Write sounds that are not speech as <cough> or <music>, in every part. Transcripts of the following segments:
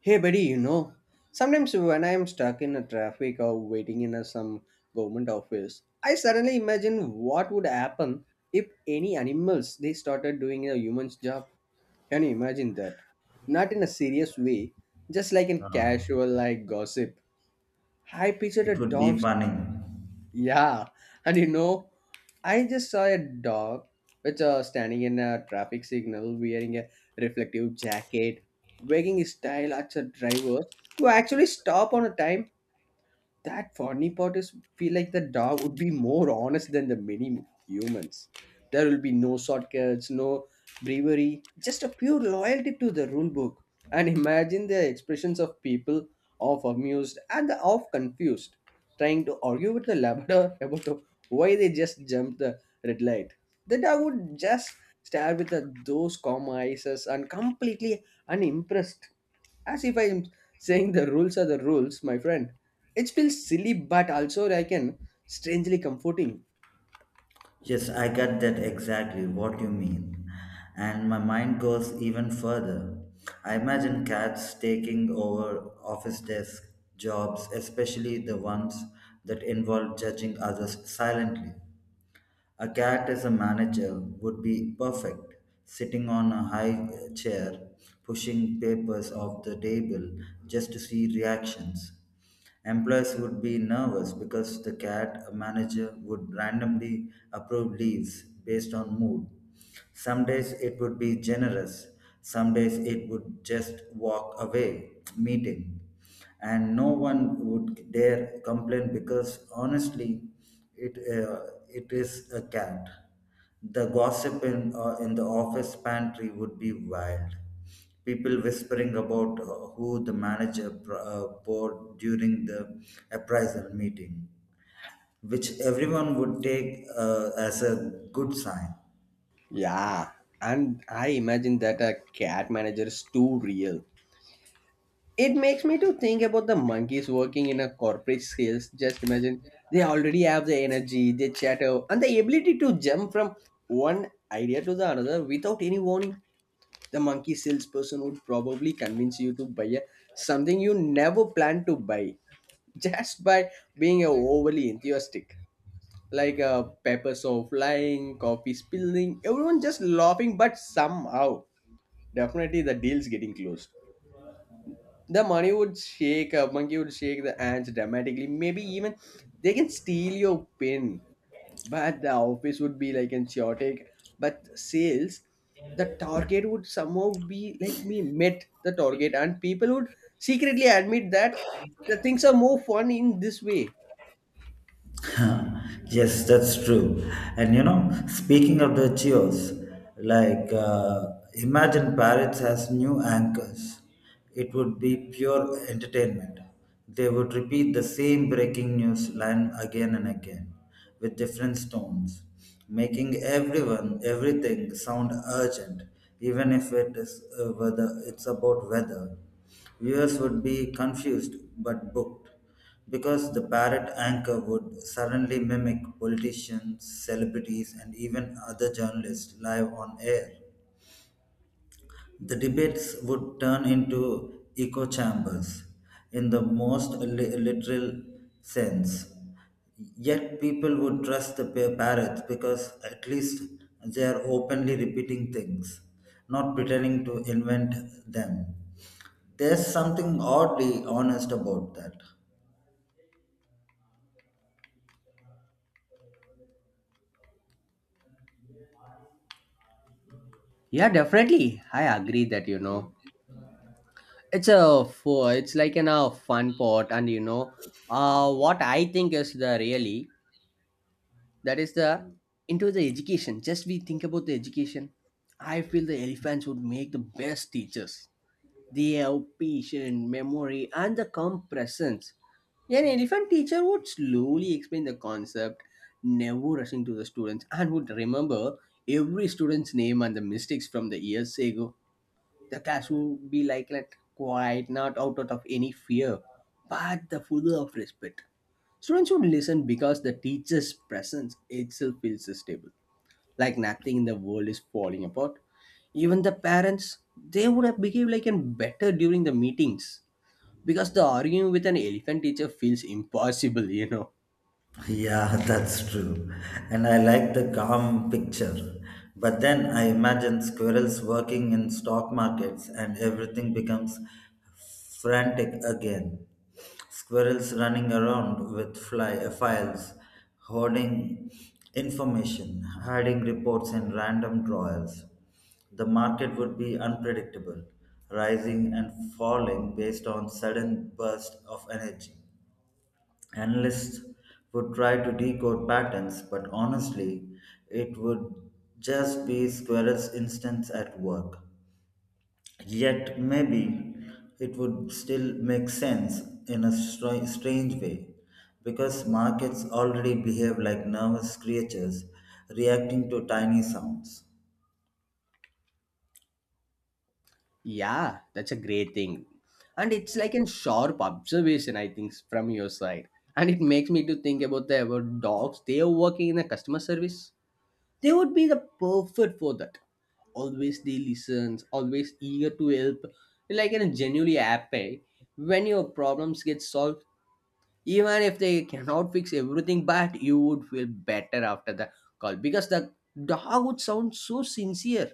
Hey, buddy, you know, sometimes when I am stuck in a traffic or waiting in a, some government office, I suddenly imagine what would happen if any animals they started doing a human's job. Can you imagine that? Not in a serious way, just like in Uh, casual like gossip. I pictured a it would dog be funny. yeah, and you know, I just saw a dog which standing in a traffic signal wearing a reflective jacket, wagging his tail at a driver who actually stopped on a time that funny part is feel like the dog would be more honest than the many humans. There will be no shortcuts, no bravery, just a pure loyalty to the rule book. And imagine the expressions of people of amused and the half confused, trying to argue with the Labrador <laughs> about why they just jumped the red light. The dog would just stare with the, those calm eyes and completely unimpressed as if I'm saying the rules are the rules, my friend. It feels silly, but also I can strangely comforting. Yes, I get that exactly what you mean. And my mind goes even further. I imagine cats taking over office desk jobs, especially the ones that involve judging others silently. A cat as a manager would be perfect, sitting on a high chair, pushing papers off the table just to see reactions. Employees would be nervous because the cat manager would randomly approve leaves based on mood. Some days it would be generous, some days it would just walk away, meeting. And no one would dare complain because honestly, it is a cat. The gossip in the office pantry would be wild, people whispering about who the bought during the appraisal meeting, which everyone would take as a good sign. Yeah, and I imagine that a cat manager is too real. It makes me to think about the monkeys working in a corporate sales. Just imagine they already have the energy, they chatter, and the ability to jump from one idea to the another without any warning. The monkey salesperson would probably convince you to buy a, something you never planned to buy <laughs> just by being overly enthusiastic like peppers are flying coffee spilling everyone just laughing but somehow definitely the deal's getting closed the money would shake a monkey would shake the hands dramatically maybe even they can steal your pin but the office would be like in chaotic but sales the target would somehow be like me met the target and people would secretly admit that the things are more fun in this way. <laughs> Yes, that's true. And you know, speaking of the cheers, like uh, imagine parrots as new anchors. It would be pure entertainment. They would repeat the same breaking news line again and again with different tones, making everything sound urgent, even if it is whether it's about weather. Viewers would be confused but booked because the parrot anchor would suddenly mimic politicians, celebrities, and even other journalists live on air. The debates would turn into echo chambers in the most literal sense. Yet people would trust the parrots because at least they are openly repeating things, not pretending to invent them. There's something oddly honest about that. Yeah, definitely. I agree that you know it's a it's like an a fun part, and you know, what I think is the really that is the into the education. Just we think about the education. I feel the elephants would make the best teachers. They have patient memory and the calm presence. An elephant teacher would slowly explain the concept, never rushing to the students, and would remember every student's name and the mistakes from the years ago. The class would be like that, quiet, not out of any fear, but the full of respect. Students would listen because the teacher's presence itself feels stable, like nothing in the world is falling apart. Even the parents, they would have behaved like an better during the meetings because the arguing with an elephant teacher feels impossible, <laughs> you know. Yeah, <laughs> that's true. And I like the calm picture. But then I imagine squirrels working in stock markets and everything becomes frantic again. Squirrels running around with fly files, hoarding information, hiding reports in random drawers. The market would be unpredictable, rising and falling based on sudden burst of energy. Analysts would try to decode patterns, but honestly, it would just be squirrel's instance at work. Yet, maybe it would still make sense in a strange way because markets already behave like nervous creatures reacting to tiny sounds. Yeah, that's a great thing. And it's like a sharp observation, I think, from your side. And it makes me to think about the about dogs. They are working in the customer service. They would be the perfect for that. Always they listens, always eager to help. Like in a genuinely happy when your problems get solved. Even if they cannot fix everything, but you would feel better after the call because the dog would sound so sincere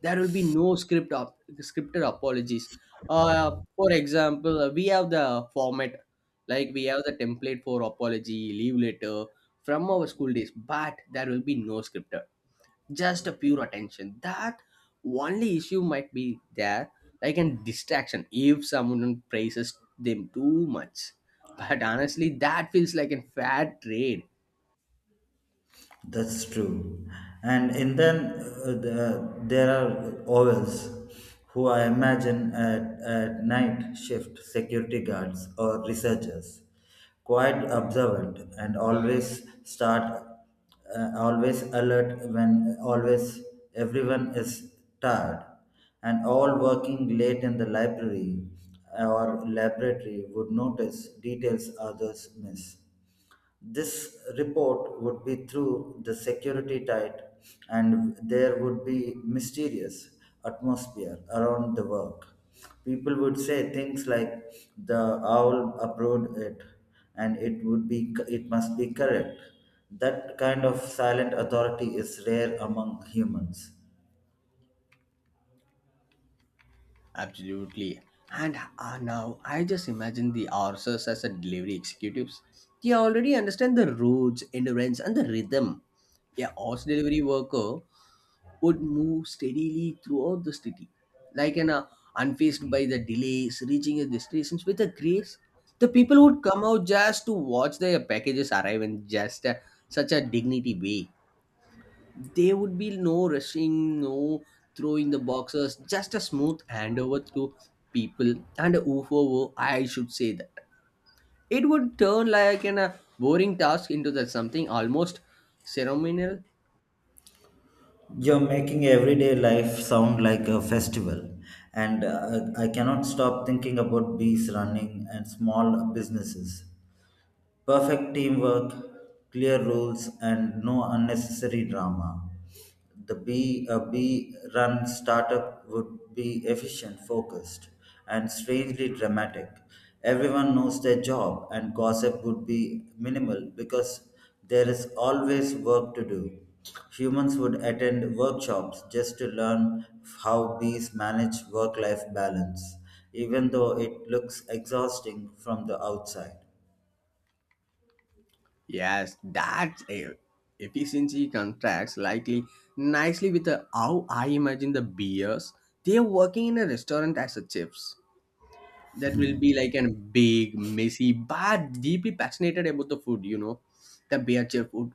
there will be no scripted apologies. For example, we have the format, like we have the template for apology, leave letter from our school days, but there will be no scripted, just a pure attention. That only issue might be there, like a distraction if someone praises them too much. But honestly, that feels like a fair trade. That's true. And in then there are ovals who I imagine at night shift security guards or researchers, quite observant and always alert when always everyone is tired and all working late in the library or laboratory would notice details others miss. This report would be through the security tight, and there would be mysterious atmosphere around the work. People would say things like the owl approved it, and it must be correct. That kind of silent authority is rare among humans. Absolutely. And now I just imagine the RSS as a delivery executives. They already understand the routes, endurance, and the rhythm. A horse delivery worker would move steadily throughout the city, like an unfazed by the delays, reaching the destinations with a grace. The people would come out just to watch their packages arrive in just such a dignity way there would be no rushing, no throwing the boxes, just a smooth handover to people and UFO, I should say that. It would turn like an, a boring task into that something almost ceremonial. You're making everyday life sound like a festival, and I cannot stop thinking about bees running and small businesses. Perfect teamwork, clear rules, and no unnecessary drama. The B a B run startup would be efficient, focused, and strangely dramatic. Everyone knows their job, and gossip would be minimal because there is always work to do. Humans would attend workshops just to learn how bees manage work life balance, even though it looks exhausting from the outside. Yes, that's a efficiency contracts likely nicely with the, how I imagine the beers. They are working in a restaurant as a chefs. That will be like a big messy but deeply passionate about the food you know the bare-chef would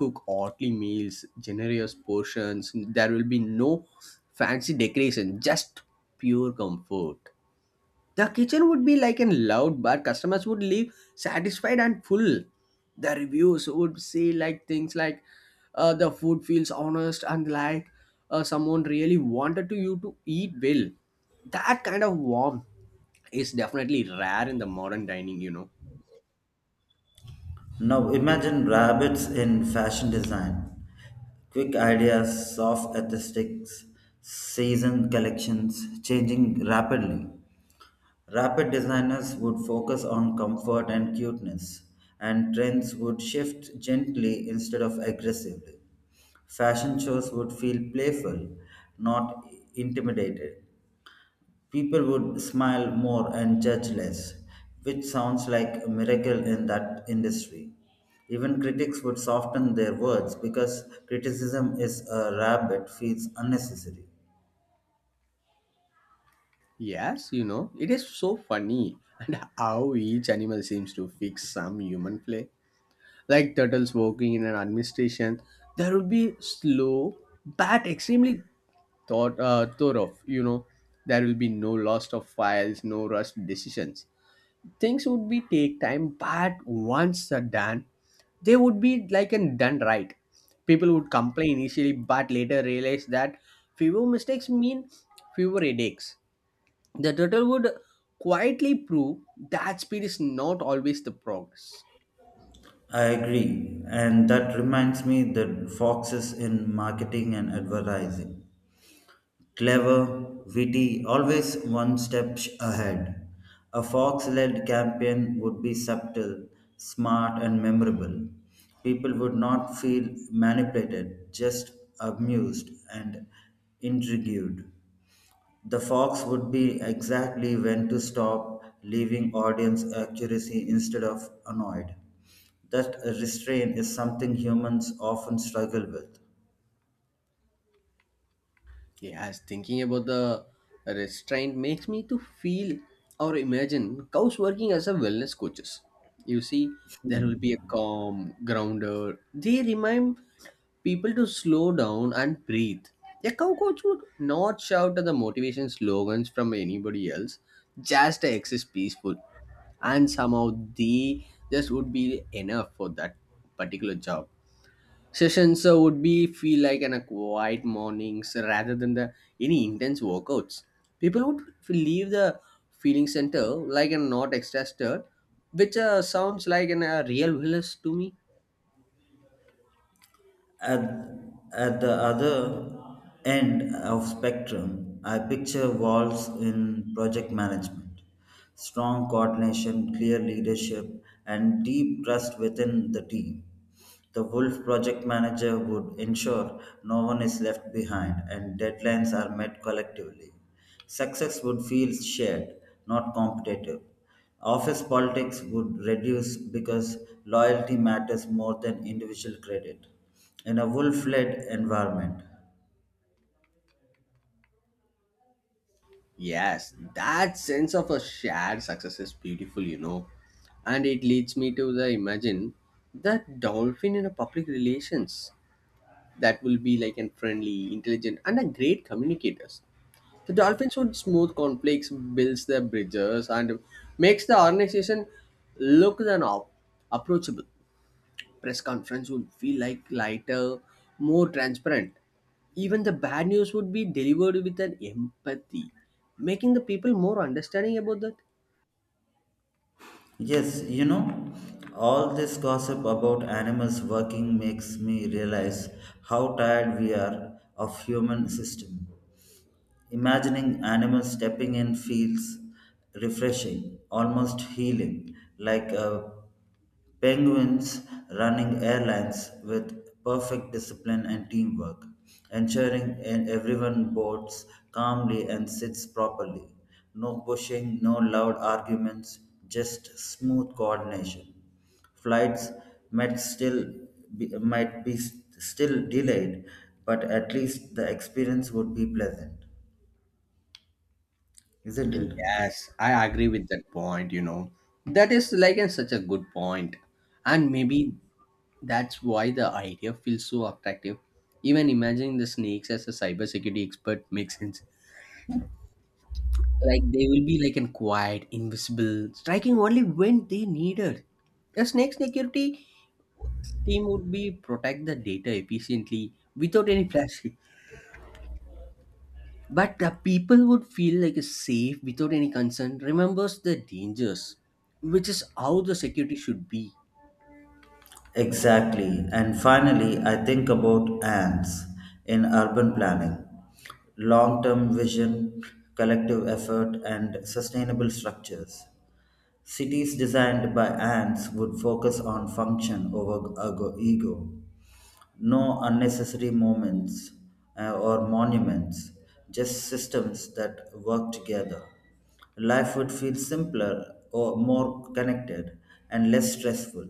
cook oddly meals generous portions there will be no fancy decoration just pure comfort the kitchen would be like an loud but customers would leave satisfied and full the reviews would say like things like the food feels honest and like someone really wanted to you to eat well that kind of warmth is definitely rare in the modern dining, you know. Now imagine rabbits in fashion design. Quick ideas, soft aesthetics, season collections changing rapidly. Rapid designers would focus on comfort and cuteness, and trends would shift gently instead of aggressively. Fashion shows would feel playful, not intimidated. People would smile more and judge less, which sounds like a miracle in that industry. Even critics would soften their words because criticism is a rabbit feels unnecessary. Yes, you know, it is so funny <laughs> and how each animal seems to fix some human flaw. Like turtles working in an administration, there will be slow but extremely thought thorough, you know. There will be no loss of files, no rushed decisions. Things would be take time but once they're done they would be like and done right people would complain initially but later realize that fewer mistakes mean fewer headaches the turtle would quietly prove that speed is not always the progress. I agree, and that reminds me the foxes in marketing and advertising. Clever, witty, always one step ahead. A Fox led campaign would be subtle, smart, and memorable. People would not feel manipulated, just amused and intrigued. The Fox would be exactly when to stop, leaving audience accuracy instead of annoyed. That restraint is something humans often struggle with. Yes thinking about the restraint makes me to feel or imagine cows working as a wellness coaches you see there will be a calm grounded they remind people to slow down and breathe. A cow coach would not shout at the motivation slogans from anybody else, just exist peaceful. And somehow they just would be enough for that particular job. Sessions would be feel like in a quiet mornings rather than the any intense workouts. People would leave the feeling center like a not extra stir, which sounds like an, a real village to me. At, at the other end of spectrum, I picture walls in project management, strong coordination, clear leadership, and deep trust within the team. The Wolf project manager would ensure no one is left behind and deadlines are met collectively. Success would feel shared, not competitive. Office politics would reduce because loyalty matters more than individual credit in a wolf-led environment. Yes, that sense of a shared success is beautiful, you know. And it leads me to the imagine that dolphin in a public relations that will be like an friendly, intelligent, and a great communicators. The dolphins would smooth conflicts, builds their bridges, and makes the organization look and approachable press conference would feel like lighter, more transparent. Even the bad news would be delivered with an empathy, making the people more understanding about that. Yes, you know, all this gossip about animals working makes me realize how tired we are of human system. Imagining animals stepping in feels refreshing, almost healing, like a Penguins running airlines with perfect discipline and teamwork, ensuring and everyone boards calmly and sits properly. No pushing, no loud arguments, just smooth coordination. Flights might still might be still delayed, but at least the experience would be pleasant, isn't it? Yes, I agree with that point, you know. That is like a, such a good point. And maybe that's why the idea feels so attractive. Even imagining the snakes as a cybersecurity expert makes sense. Like they will be like an quiet, invisible, striking only when they needed. A snake security team would be protect the data efficiently without any plastic but the people would feel like safe without any concern remembers the dangers which is how the security should be. Exactly. And finally, I think about ants in urban planning, long term vision, collective effort, and sustainable structures. Cities designed by ants would focus on function over ego. No unnecessary moments or monuments, just systems that work together. Life would feel simpler or more connected and less stressful,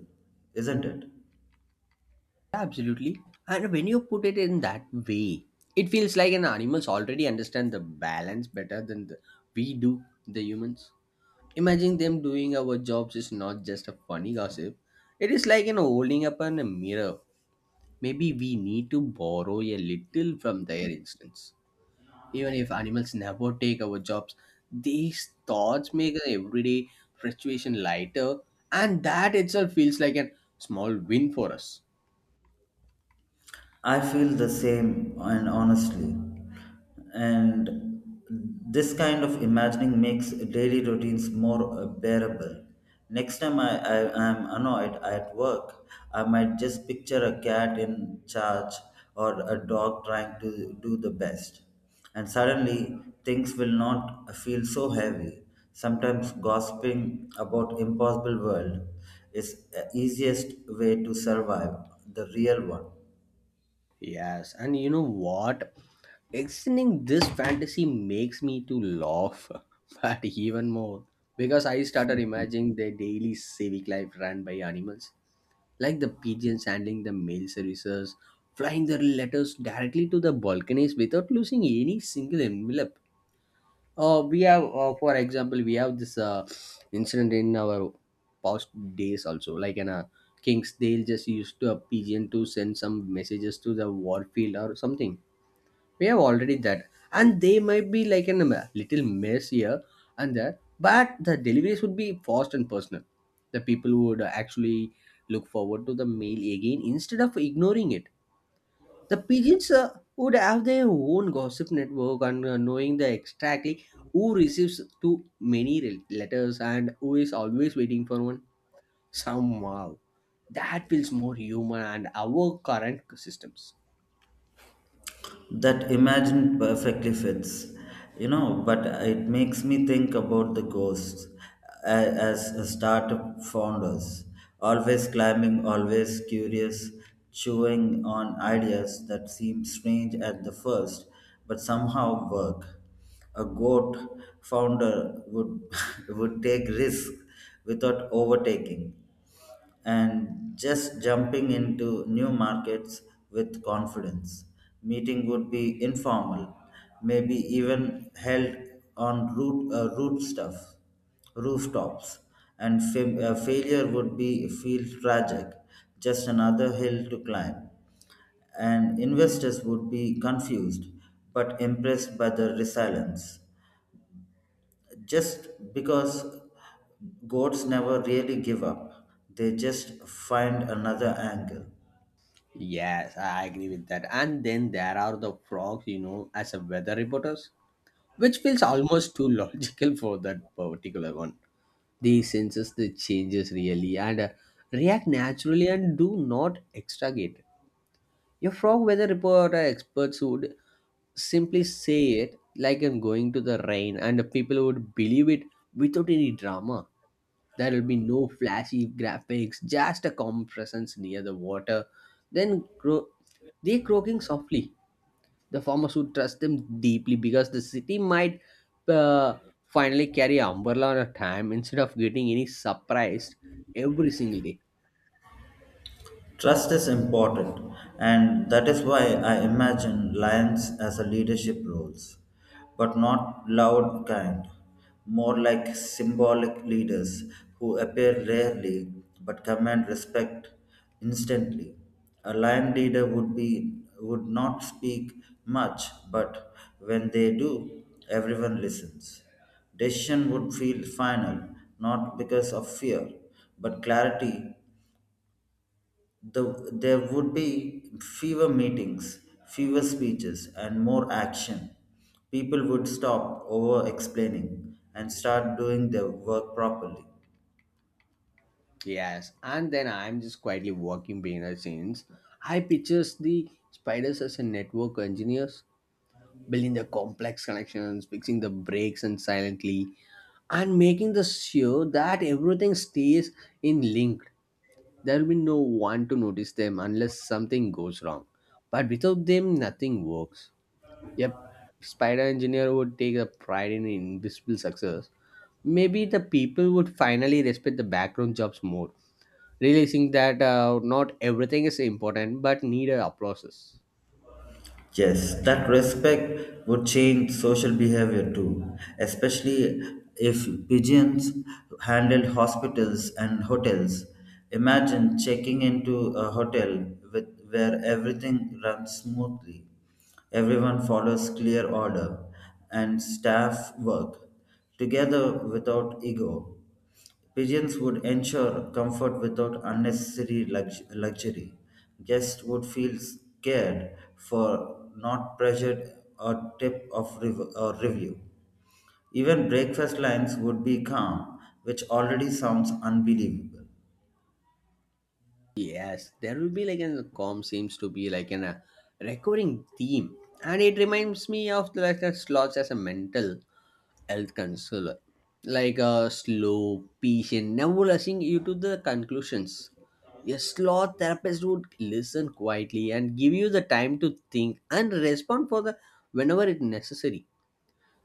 isn't it? Absolutely and when you put it in that way it feels like an animals already understand the balance better than the, we do the humans imagine them doing our jobs is not just a funny gossip it is like you know holding up on a mirror maybe we need to borrow a little from their instance. Even if animals never take our jobs, these thoughts make our everyday situation lighter, and that itself feels like a small win for us. I feel the same, and honestly, and this kind of imagining makes daily routines more bearable. Next time I am annoyed at work, I might just picture a cat in charge or a dog trying to do the best. And suddenly, things will not feel so heavy. Sometimes gossiping about impossible world is easiest way to survive the real one. Yes, and you know what? Extending this fantasy makes me to laugh, <laughs> but even more because I started imagining the daily civic life run by animals, like the pigeons handling the mail services, flying their letters directly to the balconies without losing any single envelope. We have for example we have this incident in our past days also like in a kings they'll just used to a pigeon to send some messages to the warfield or something we have already that and they might be like in a little mess here and there but the deliveries would be fast and personal the people would actually look forward to the mail again instead of ignoring it the pigeons would have their own gossip network and knowing the exactly who receives too many letters and who is always waiting for one. Somehow, that feels more human and our current systems. That imagined perfectly fits, you know, but it makes me think about the ghosts as a startup founders, always climbing, always curious, chewing on ideas that seem strange at the first but somehow work. A goat founder would <laughs> would take risk without overtaking and just jumping into new markets with confidence. Meeting would be informal, maybe even held on rooftops, and failure would be feel tragic, just another hill to climb. And investors would be confused but impressed by the resilience, just because goats never really give up, they just find another angle. Yes, I agree with that. And then there are the frogs, you know, as a weather reporters, which feels almost too <laughs> logical for that particular one. They senses the changes really and react naturally and do not extragate. Your frog weather report experts would simply say it like I'm going to the rain, and the people would believe it without any drama. There will be no flashy graphics, just a calm presence near the water. Then cro- they croaking softly. The farmers would trust them deeply because the city might uh, finally carry an umbrella on a time instead of getting any surprised every single day. Trust is important, and that is why I imagine lions as a leadership roles, but not loud kind, more like symbolic leaders who appear rarely but command respect instantly. A lion leader would not speak much, but when they do, everyone listens. Decision would feel final, not because of fear, but clarity. There would be fewer meetings, fewer speeches, and more action. People would stop over explaining and start doing their work properly. Yes, and then I'm just quietly walking behind the scenes. I pictures the spiders as a network engineers, building the complex connections, fixing the breaks and silently, and making the sure that everything stays in link. There will be no one to notice them unless something goes wrong. But without them, nothing works. Yep, spider engineer would take a pride in invisible success. Maybe the people would finally respect the background jobs more realizing that not everything is important but needed applauses. Yes, that respect would change social behavior too, especially if pigeons handled hospitals and hotels. Imagine checking into a hotel where everything runs smoothly, everyone follows clear order, and staff work together without ego. Pigeons would ensure comfort without unnecessary luxury. Guests would feel scared for not pressured or tip of rev- or review. Even breakfast lines would be calm, which already sounds unbelievable. Yes, there will be like an calm seems to be like an a recurring theme, and it reminds me of the, like the slots as a mental health counselor, like a slow, patient, never rushing you to the conclusions. A sloth therapist would listen quietly and give you the time to think and respond for the whenever it necessary.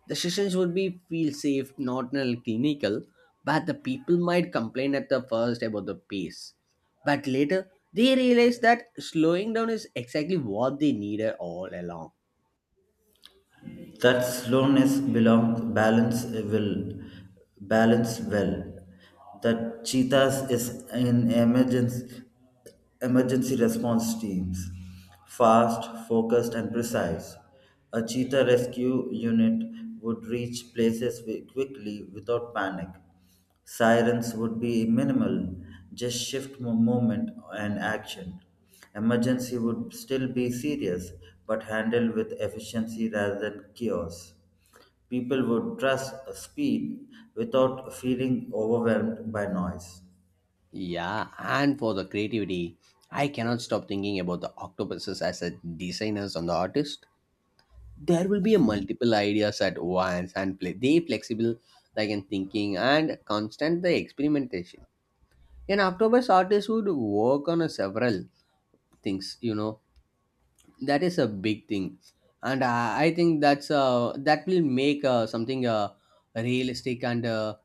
The sessions would be feel safe, not only clinical, but the people might complain at the first about the pace. But later, they realize that slowing down is exactly what they needed all along. That slowness belong balance will balance well, that cheetahs is in emergency response teams, fast focused and precise. A cheetah rescue unit would reach places quickly without panic. Sirens would be minimal, just shift movement and action. Emergency would still be serious, but handled with efficiency rather than chaos. People would trust speed without feeling overwhelmed by noise. Yeah, and for the creativity, I cannot stop thinking about the octopuses as a designers on the artist. There will be a multiple ideas at once and play. They flexible like in thinking and constant the experimentation. An octopus artist would work on a several things, that is a big thing and I think that's that will make something realistic and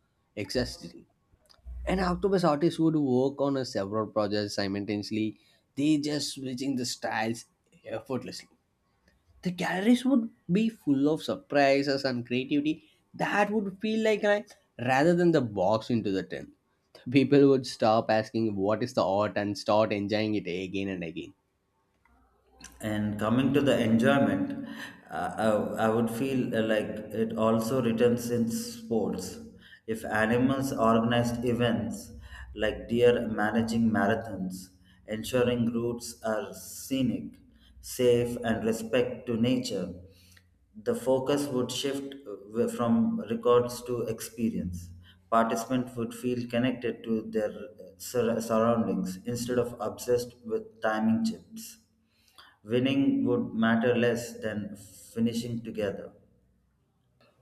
exciting. And octopus artists would work on a several projects simultaneously. They just switching the styles effortlessly. The galleries would be full of surprises and creativity that would feel like an rather than the box into the tent. People would stop asking what is the art and start enjoying it again and again. And coming to the enjoyment, I would feel like it also returns in sports. If animals organized events like deer managing marathons, ensuring routes are scenic, safe, and respect to nature, the focus would shift from records to experience. Participants would feel connected to their surroundings instead of obsessed with timing chips. Winning would matter less than finishing together.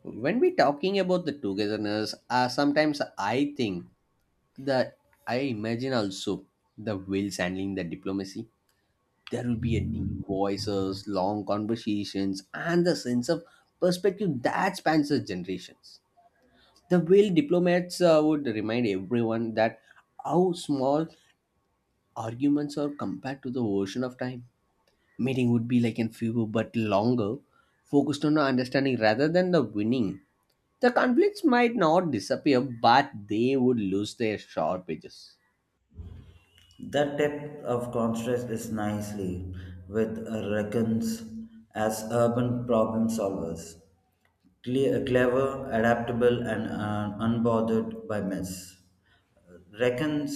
When we talking about the togetherness sometimes I think that I imagine also the whales handling the diplomacy. There will be a deep voices long conversations and the sense of perspective that spans the generations. The whale diplomats would remind everyone that how small arguments are compared to the ocean of time. Meeting would be like in fewer but longer, focused on the understanding rather than the winning. The conflicts might not disappear, but they would lose their sharp edges. That depth of contrast is nicely with Reckons as urban problem solvers, clever, adaptable, and unbothered by mess. Reckons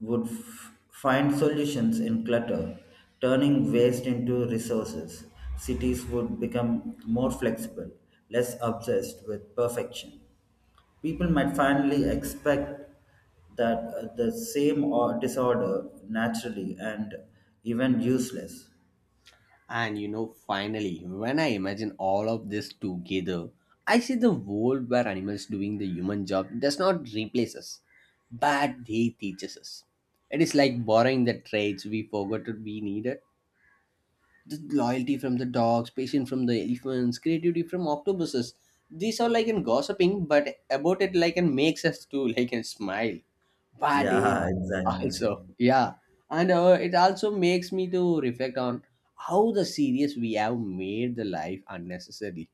would find solutions in clutter, turning waste into resources. Cities would become more flexible, less obsessed with perfection. People might finally expect that the same or disorder naturally and even useless. And you know, finally, when I imagine all of this together, I see the world where animals doing the human job does not replace us, but they teaches us. It is like borrowing the traits we forgot that we needed. The loyalty from the dogs, patience from the elephants, creativity from octopuses. These are like in gossiping, but about it like and makes us too like and smile. But it Yeah, <laughs> also, exactly. yeah, and it also makes me to reflect on how the serious we have made the life unnecessary.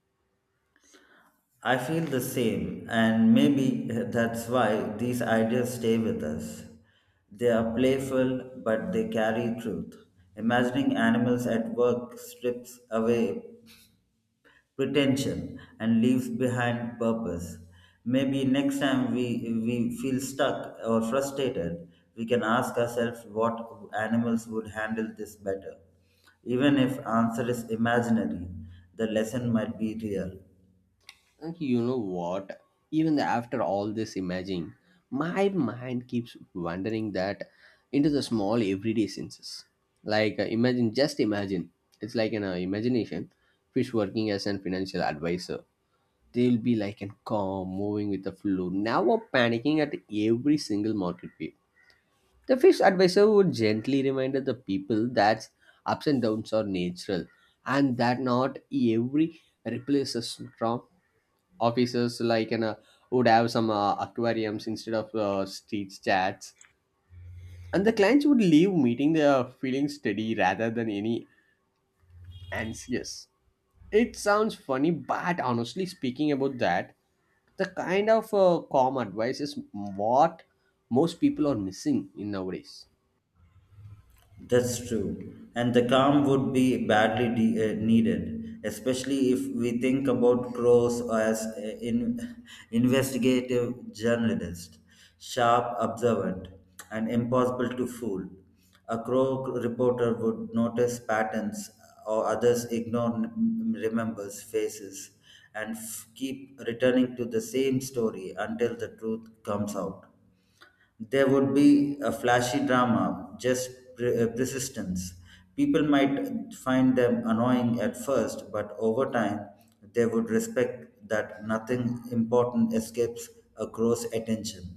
I feel the same, and maybe that's why these ideas stay with us. They are playful, but they carry truth. Imagining animals at work strips away pretension and leaves behind purpose. Maybe next time we feel stuck or frustrated, we can ask ourselves what animals would handle this better. Even if answer is imaginary, the lesson might be real. And you know what, even after all this imaging my mind keeps wandering that into the small everyday senses like imagine, just imagine, it's like an imagination. Fish working as an financial advisor. They'll be like and calm moving with the flow now, panicking at every single market peak. The fish advisor would gently remind the people that ups and downs are natural, and that not every replaces from officers like an, would have some aquariums instead of street chats. And the clients would leave meeting their feeling steady rather than any anxious. It sounds funny, but honestly speaking about that, the kind of calm advice is what most people are missing in nowadays. That's true. And the calm would be badly needed, especially if we think about crows as <laughs> investigative journalist, sharp, observant, and impossible to fool. A crow reporter would notice patterns or others ignore remembers faces and keep returning to the same story until the truth comes out. There would be a flashy drama, just persistence. People might find them annoying at first, but over time, they would respect that nothing important escapes a gross attention.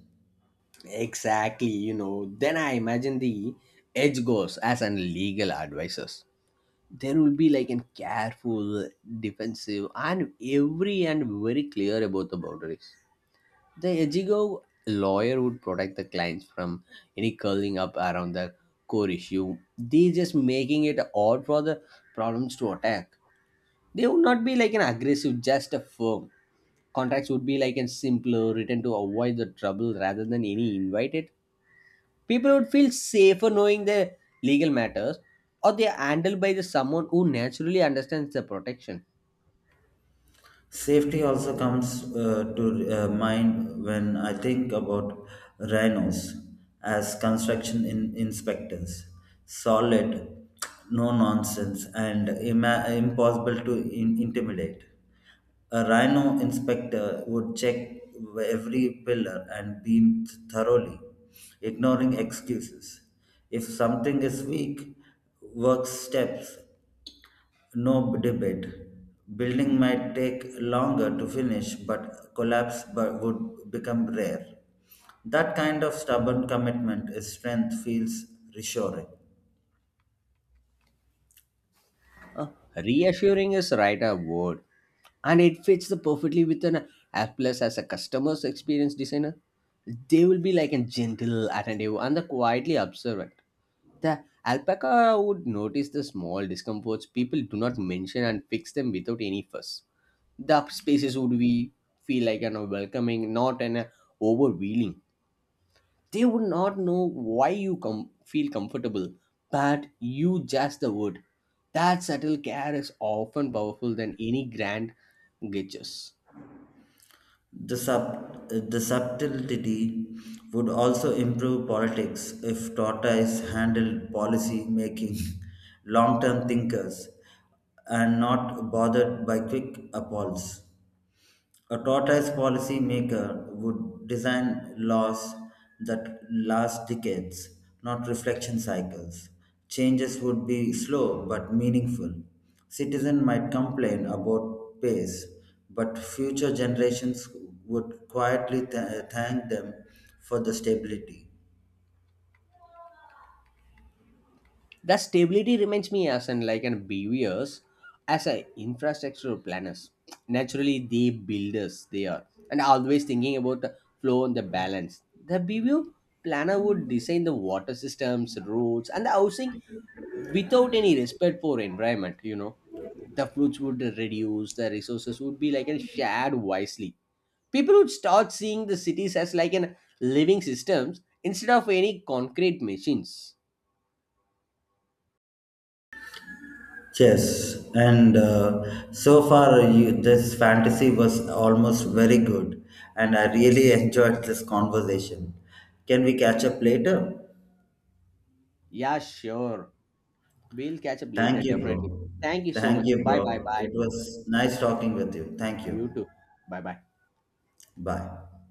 Exactly, you know. Then I imagine the edge goes as an legal advisors. There will be like a careful, defensive, and every and very clear about the boundaries. The Ejigo lawyer would protect the clients from any curling up around the core issue. They just making it odd for the problems to attack. They would not be like an aggressive, just a firm. Contracts would be like a simpler, written to avoid the trouble rather than any invited. People would feel safer knowing their legal matters or they are handled by the someone who naturally understands the protection. Safety also comes to mind when I think about rhinos as construction inspectors. Solid, no nonsense, and impossible to intimidate. A rhino inspector would check every pillar and beam thoroughly, ignoring excuses. If something is weak, work steps no debate. Building might take longer to finish, but collapse would become rare. That kind of stubborn commitment is strength feels reassuring. Uh, Reassuring is right a word, and it fits the perfectly with an app plus as a customer's experience designer. They will be like a gentle, attentive, and the quietly observant. The alpaca would notice the small discomforts people do not mention and fix them without any fuss. The spaces would be feel like an welcoming, not an overwhelming. They would not know why you feel comfortable, but you just the word. That subtle care is often powerful than any grand gestures. The subtlety would also improve politics if Tota is handled policy making, <laughs> long term thinkers and not bothered by quick appalls. A tortoise policy maker would design laws that last decades, not reflection cycles. Changes would be slow but meaningful. Citizens might complain about pace, but future generations would quietly thank them for the stability. That stability reminds me as an like an behaviors as an infrastructure planners. Naturally, they builders they are and always thinking about the flow and the balance. The behavior planner would design the water systems, roads, and the housing without any respect for environment. You know, the fruits would reduce, the resources would be like and shared wisely. People would start seeing the cities as like an living systems instead of any concrete machines. Yes, and so far this fantasy was almost very good, and I really <laughs> enjoyed this conversation. Can we catch up later? Yeah, sure, we'll catch up later Thank you, definitely. bro. Thank you so Thank much. you, Bye bye, bro. bye It bro. was nice talking with you. Thank you. You too. Bye bye. Bye.